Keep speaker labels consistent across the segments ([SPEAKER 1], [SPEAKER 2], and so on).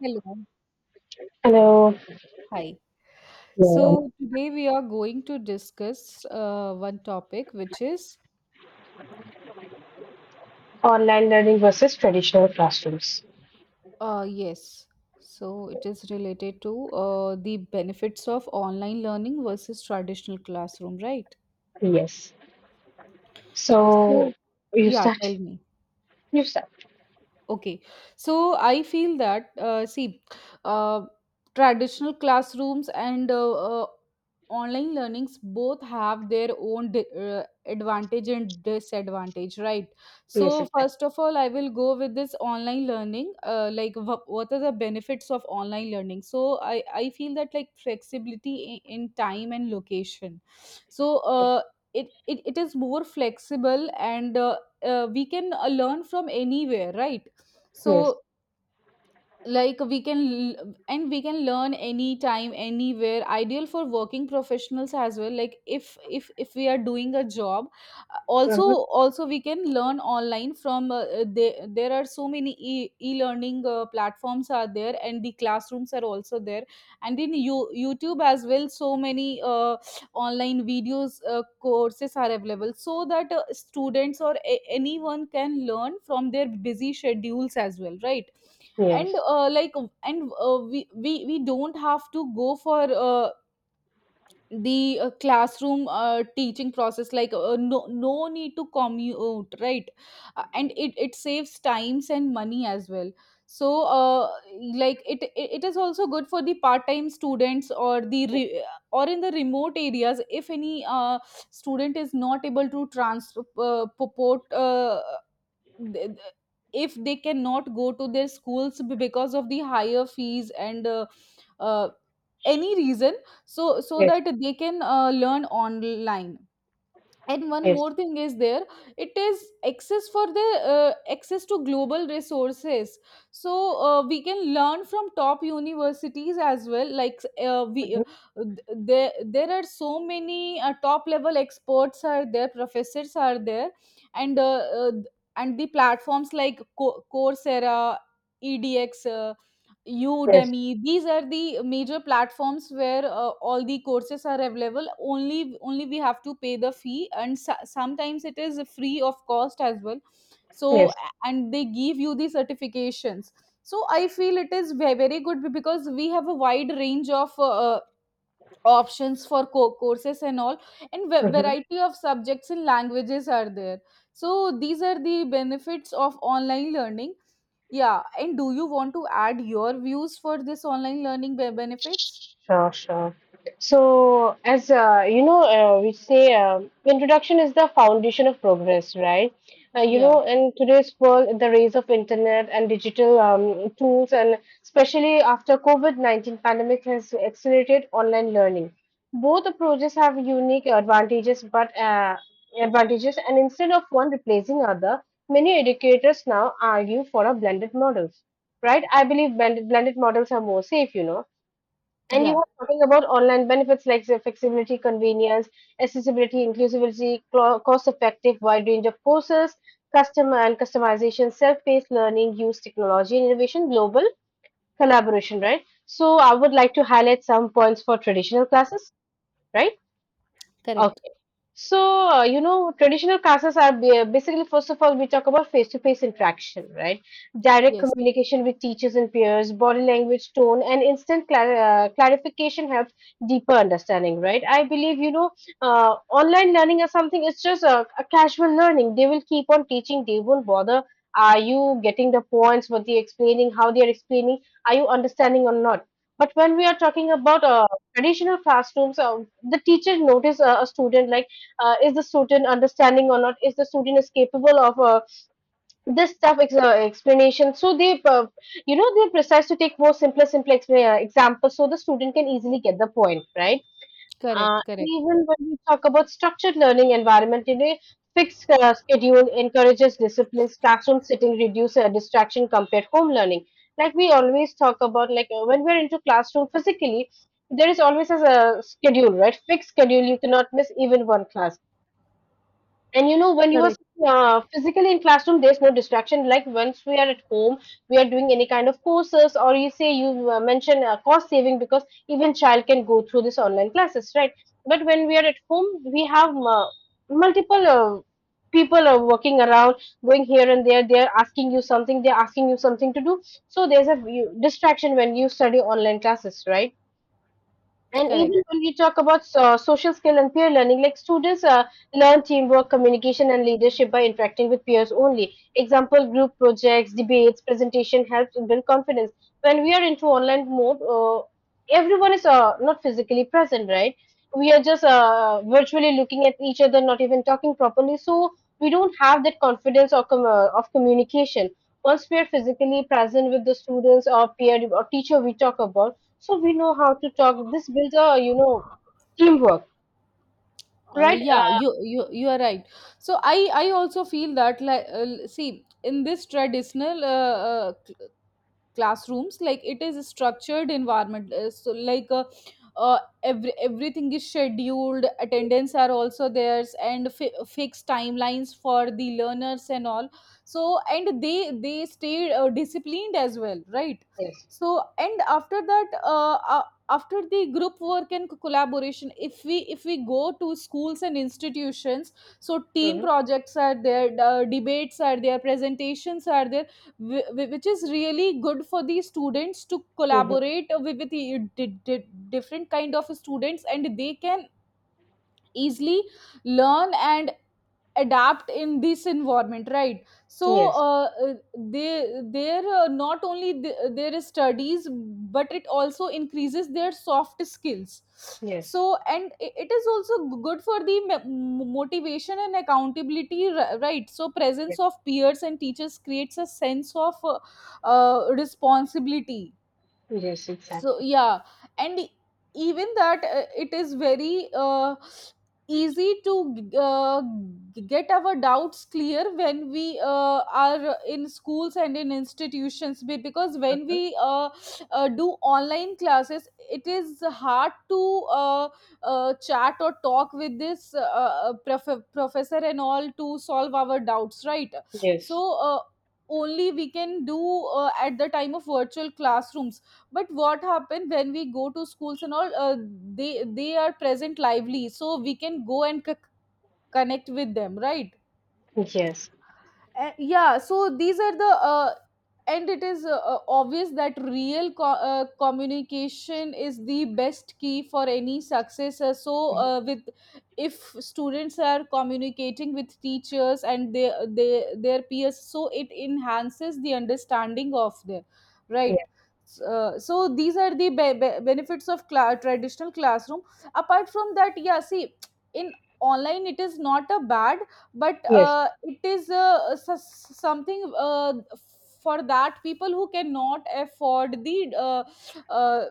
[SPEAKER 1] Hello.
[SPEAKER 2] Hello.
[SPEAKER 1] Hi.
[SPEAKER 2] Yeah.
[SPEAKER 1] So today we are going to discuss one topic, which is
[SPEAKER 2] Online learning versus traditional classrooms.
[SPEAKER 1] yes. So it is related to the benefits of online learning versus traditional classroom, right?
[SPEAKER 2] Yes. So
[SPEAKER 1] So,
[SPEAKER 2] you
[SPEAKER 1] yeah,
[SPEAKER 2] start.
[SPEAKER 1] tell me.
[SPEAKER 2] You start.
[SPEAKER 1] Okay, so I feel that see, uh, traditional classrooms and online learnings both have their own advantage and disadvantage, right?
[SPEAKER 2] Yes,
[SPEAKER 1] So
[SPEAKER 2] exactly.
[SPEAKER 1] first of all, I will go with this online learning. Like, what are the benefits of online learning? So I feel that like flexibility in time and location. So it is more flexible and we can learn from anywhere, right?
[SPEAKER 2] Yes.
[SPEAKER 1] So, like we can and we can learn anytime, anywhere. Ideal for working professionals as well. Like if we are doing a job, also
[SPEAKER 2] uh
[SPEAKER 1] also we can learn online from. There are so many e learning platforms are there, and the classrooms are also there, and in YouTube as well. So many online videos courses are available, so that students or anyone can learn from their busy schedules as well, right? And
[SPEAKER 2] Yes.
[SPEAKER 1] like and we don't have to go for the classroom teaching process like no no need to commute, right? And it saves times and money as well. So like, it is also good for the part time students or the or in the remote areas. If any student is not able to transport purport, th- th- if they cannot go to their schools because of the higher fees and uh, any reason, so
[SPEAKER 2] Yes.
[SPEAKER 1] that they can learn online. And one
[SPEAKER 2] Yes.
[SPEAKER 1] more thing is there, it is access for the access to global resources. So we can learn from top universities as well. Like we
[SPEAKER 2] Mhm.
[SPEAKER 1] there there are so many top level experts are there, professors are there. And and the platforms like coursera, edx,
[SPEAKER 2] Yes.
[SPEAKER 1] Udemy. These are the major platforms where all the courses are available. Only we have to pay the fee, and sometimes it is free of cost as well. So
[SPEAKER 2] Yes.
[SPEAKER 1] and they give you the certifications. So I feel it is very very good because we have a wide range of. Uh, options for courses and all, and
[SPEAKER 2] Mm-hmm.
[SPEAKER 1] variety of subjects and languages are there. So these are the benefits of online learning. Yeah, and do you want to add your views for this online learning benefits?
[SPEAKER 2] Sure, sure. So, as we say introduction is the foundation of progress, right?
[SPEAKER 1] Yeah,
[SPEAKER 2] In today's world, in the rise of internet and digital tools, and especially after COVID-19 pandemic has accelerated online learning. Both approaches have unique advantages, and instead of one replacing other, many educators now argue for a blended models, right? I believe blended models are more safe, you know. And you
[SPEAKER 1] yeah,
[SPEAKER 2] were talking about online benefits like say, flexibility, convenience, accessibility, inclusivity, cost effective, wide range of courses, customer and customization, self paced learning, use technology and innovation, global collaboration, right? So, I would like to highlight some points for traditional classes, right?
[SPEAKER 1] correct.
[SPEAKER 2] So, traditional classes are basically, first of all, we talk about face to face interaction, right? Direct
[SPEAKER 1] Yes,
[SPEAKER 2] communication with teachers and peers, body language, tone, and instant clarification helps deeper understanding, right? I believe online learning or something, it's just a casual learning. They will keep on teaching, they won't bother. Are you getting the points, what they're explaining, how they're explaining? Are you understanding or not? But when we are talking about traditional classrooms, the teacher notice a student like is the student understanding or not, is the student is capable of this stuff explanation, so they they precise to take more simpler examples, so the student can easily get the point, right?
[SPEAKER 1] correct,
[SPEAKER 2] And
[SPEAKER 1] correct,
[SPEAKER 2] even when we talk about structured learning environment, you know, fixed schedule encourages disciplines, classroom sitting reduce distraction compared home learning, like we always talk about like when we're into classroom physically, there is always a schedule, right? Fixed schedule, you cannot miss even one class. And you know, when you are
[SPEAKER 1] correct.
[SPEAKER 2] physically in classroom, there's no distraction. Like once we are at home, we are doing any kind of courses, or you say you mentioned cost saving, because even child can go through this online classes, right? But when we are at home, we have multiple people are working around, going here and there. They're asking you something. They're asking you something to do. So there's a you, distraction when you study online classes, right? And even
[SPEAKER 1] Correct.
[SPEAKER 2] when we talk about social skill and peer learning, like students learn teamwork, communication, and leadership by interacting with peers only. Example, group projects, debates, presentation helps build confidence. When we are into online mode, everyone is not physically present, right? We are just virtually looking at each other, not even talking properly. So we don't have that confidence or of communication. Once we are physically present with the students or peer or teacher we talk about, so we know how to talk, this builds a, you know, teamwork, right?
[SPEAKER 1] Yeah, you are right. So I also feel that like see, in this traditional classrooms, like it is a structured environment. So like uh, everything is scheduled, attendance are also theirs, and fixed timelines for the learners and all. So and they stay disciplined as well, right?
[SPEAKER 2] Yes.
[SPEAKER 1] So and after that after the group work and collaboration, if we go to schools and institutions, so team
[SPEAKER 2] Hmm.
[SPEAKER 1] projects are there, debates are there, presentations are there, which is really good for the students to
[SPEAKER 2] Hmm.
[SPEAKER 1] collaborate with the different kind of students, and they can easily learn and adapt in this environment, right? So
[SPEAKER 2] Yes.
[SPEAKER 1] uh, uh, they there not only there is studies, but it also increases their soft skills. So and it is also good for the motivation and accountability, right? So presence of peers and teachers creates a sense of responsibility. So yeah, and even that it is very easy to get our doubts clear when we are in schools and in institutions, because when we do online classes, it is hard to chat or talk with this professor and all to solve our doubts, right?
[SPEAKER 2] Yes.
[SPEAKER 1] So only we can do at the time of virtual classrooms. But what happened when we go to schools and all they are present lively, so we can go and connect with them, right?
[SPEAKER 2] Yes.
[SPEAKER 1] Yeah, so these are the, and it is obvious that real communication is the best key for any success. So,
[SPEAKER 2] Hmm.
[SPEAKER 1] with if students are communicating with teachers and they their peers, so it enhances the understanding of their, right.
[SPEAKER 2] Yes.
[SPEAKER 1] So these are the benefits of traditional classroom. Apart from that, yeah, see, in online it is not a bad, but
[SPEAKER 2] Yes.
[SPEAKER 1] it is something for that people who cannot afford the uh,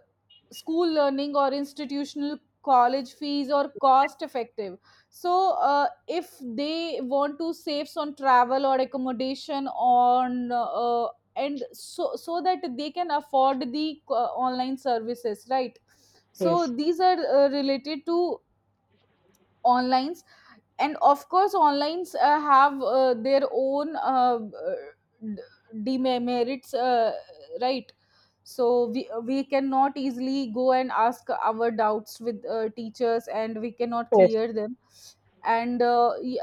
[SPEAKER 1] school learning or institutional college fees or cost effective. So if they want to save on travel or accommodation on and so that they can afford the online services, right? So
[SPEAKER 2] Yes.
[SPEAKER 1] these are related to online. And of course onlines have their own demerits, right? So we cannot easily go and ask our doubts with teachers, and we cannot
[SPEAKER 2] Yes.
[SPEAKER 1] clear them. And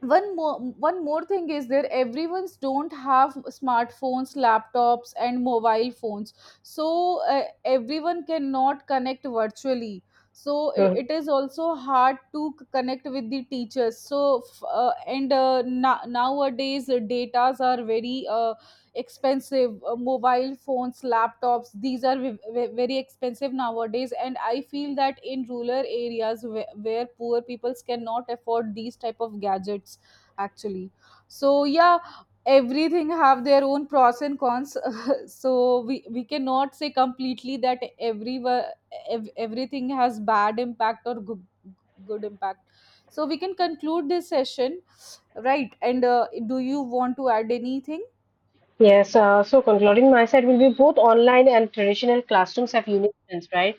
[SPEAKER 1] one more thing is there, everyone's don't have smartphones, laptops, and mobile phones. So everyone cannot connect virtually, so it is also hard to connect with the teachers. So and nowadays datas are very expensive. Mobile phones, laptops, these are very expensive nowadays, and I feel that in rural areas where poor peoples cannot afford these type of gadgets actually. So yeah, everything have their own pros and cons. So we cannot say completely that every everything has bad impact or good, good impact. So we can conclude this session, right? And do you want to add anything?
[SPEAKER 2] Yes. So concluding my side will be both online and traditional classrooms have unique strengths, right?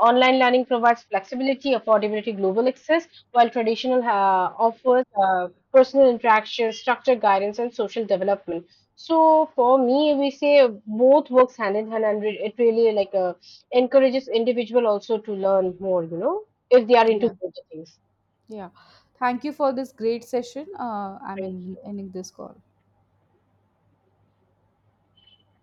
[SPEAKER 2] Online learning provides flexibility, affordability, global access, while traditional offers personal interaction, structured guidance, and social development. So for me, we say both works hand in hand, and it really like encourages individual also to learn more, you know, if they are into
[SPEAKER 1] Yeah.
[SPEAKER 2] both the things.
[SPEAKER 1] Yeah. Thank you for this great session. I'm
[SPEAKER 2] Right.
[SPEAKER 1] ending this call.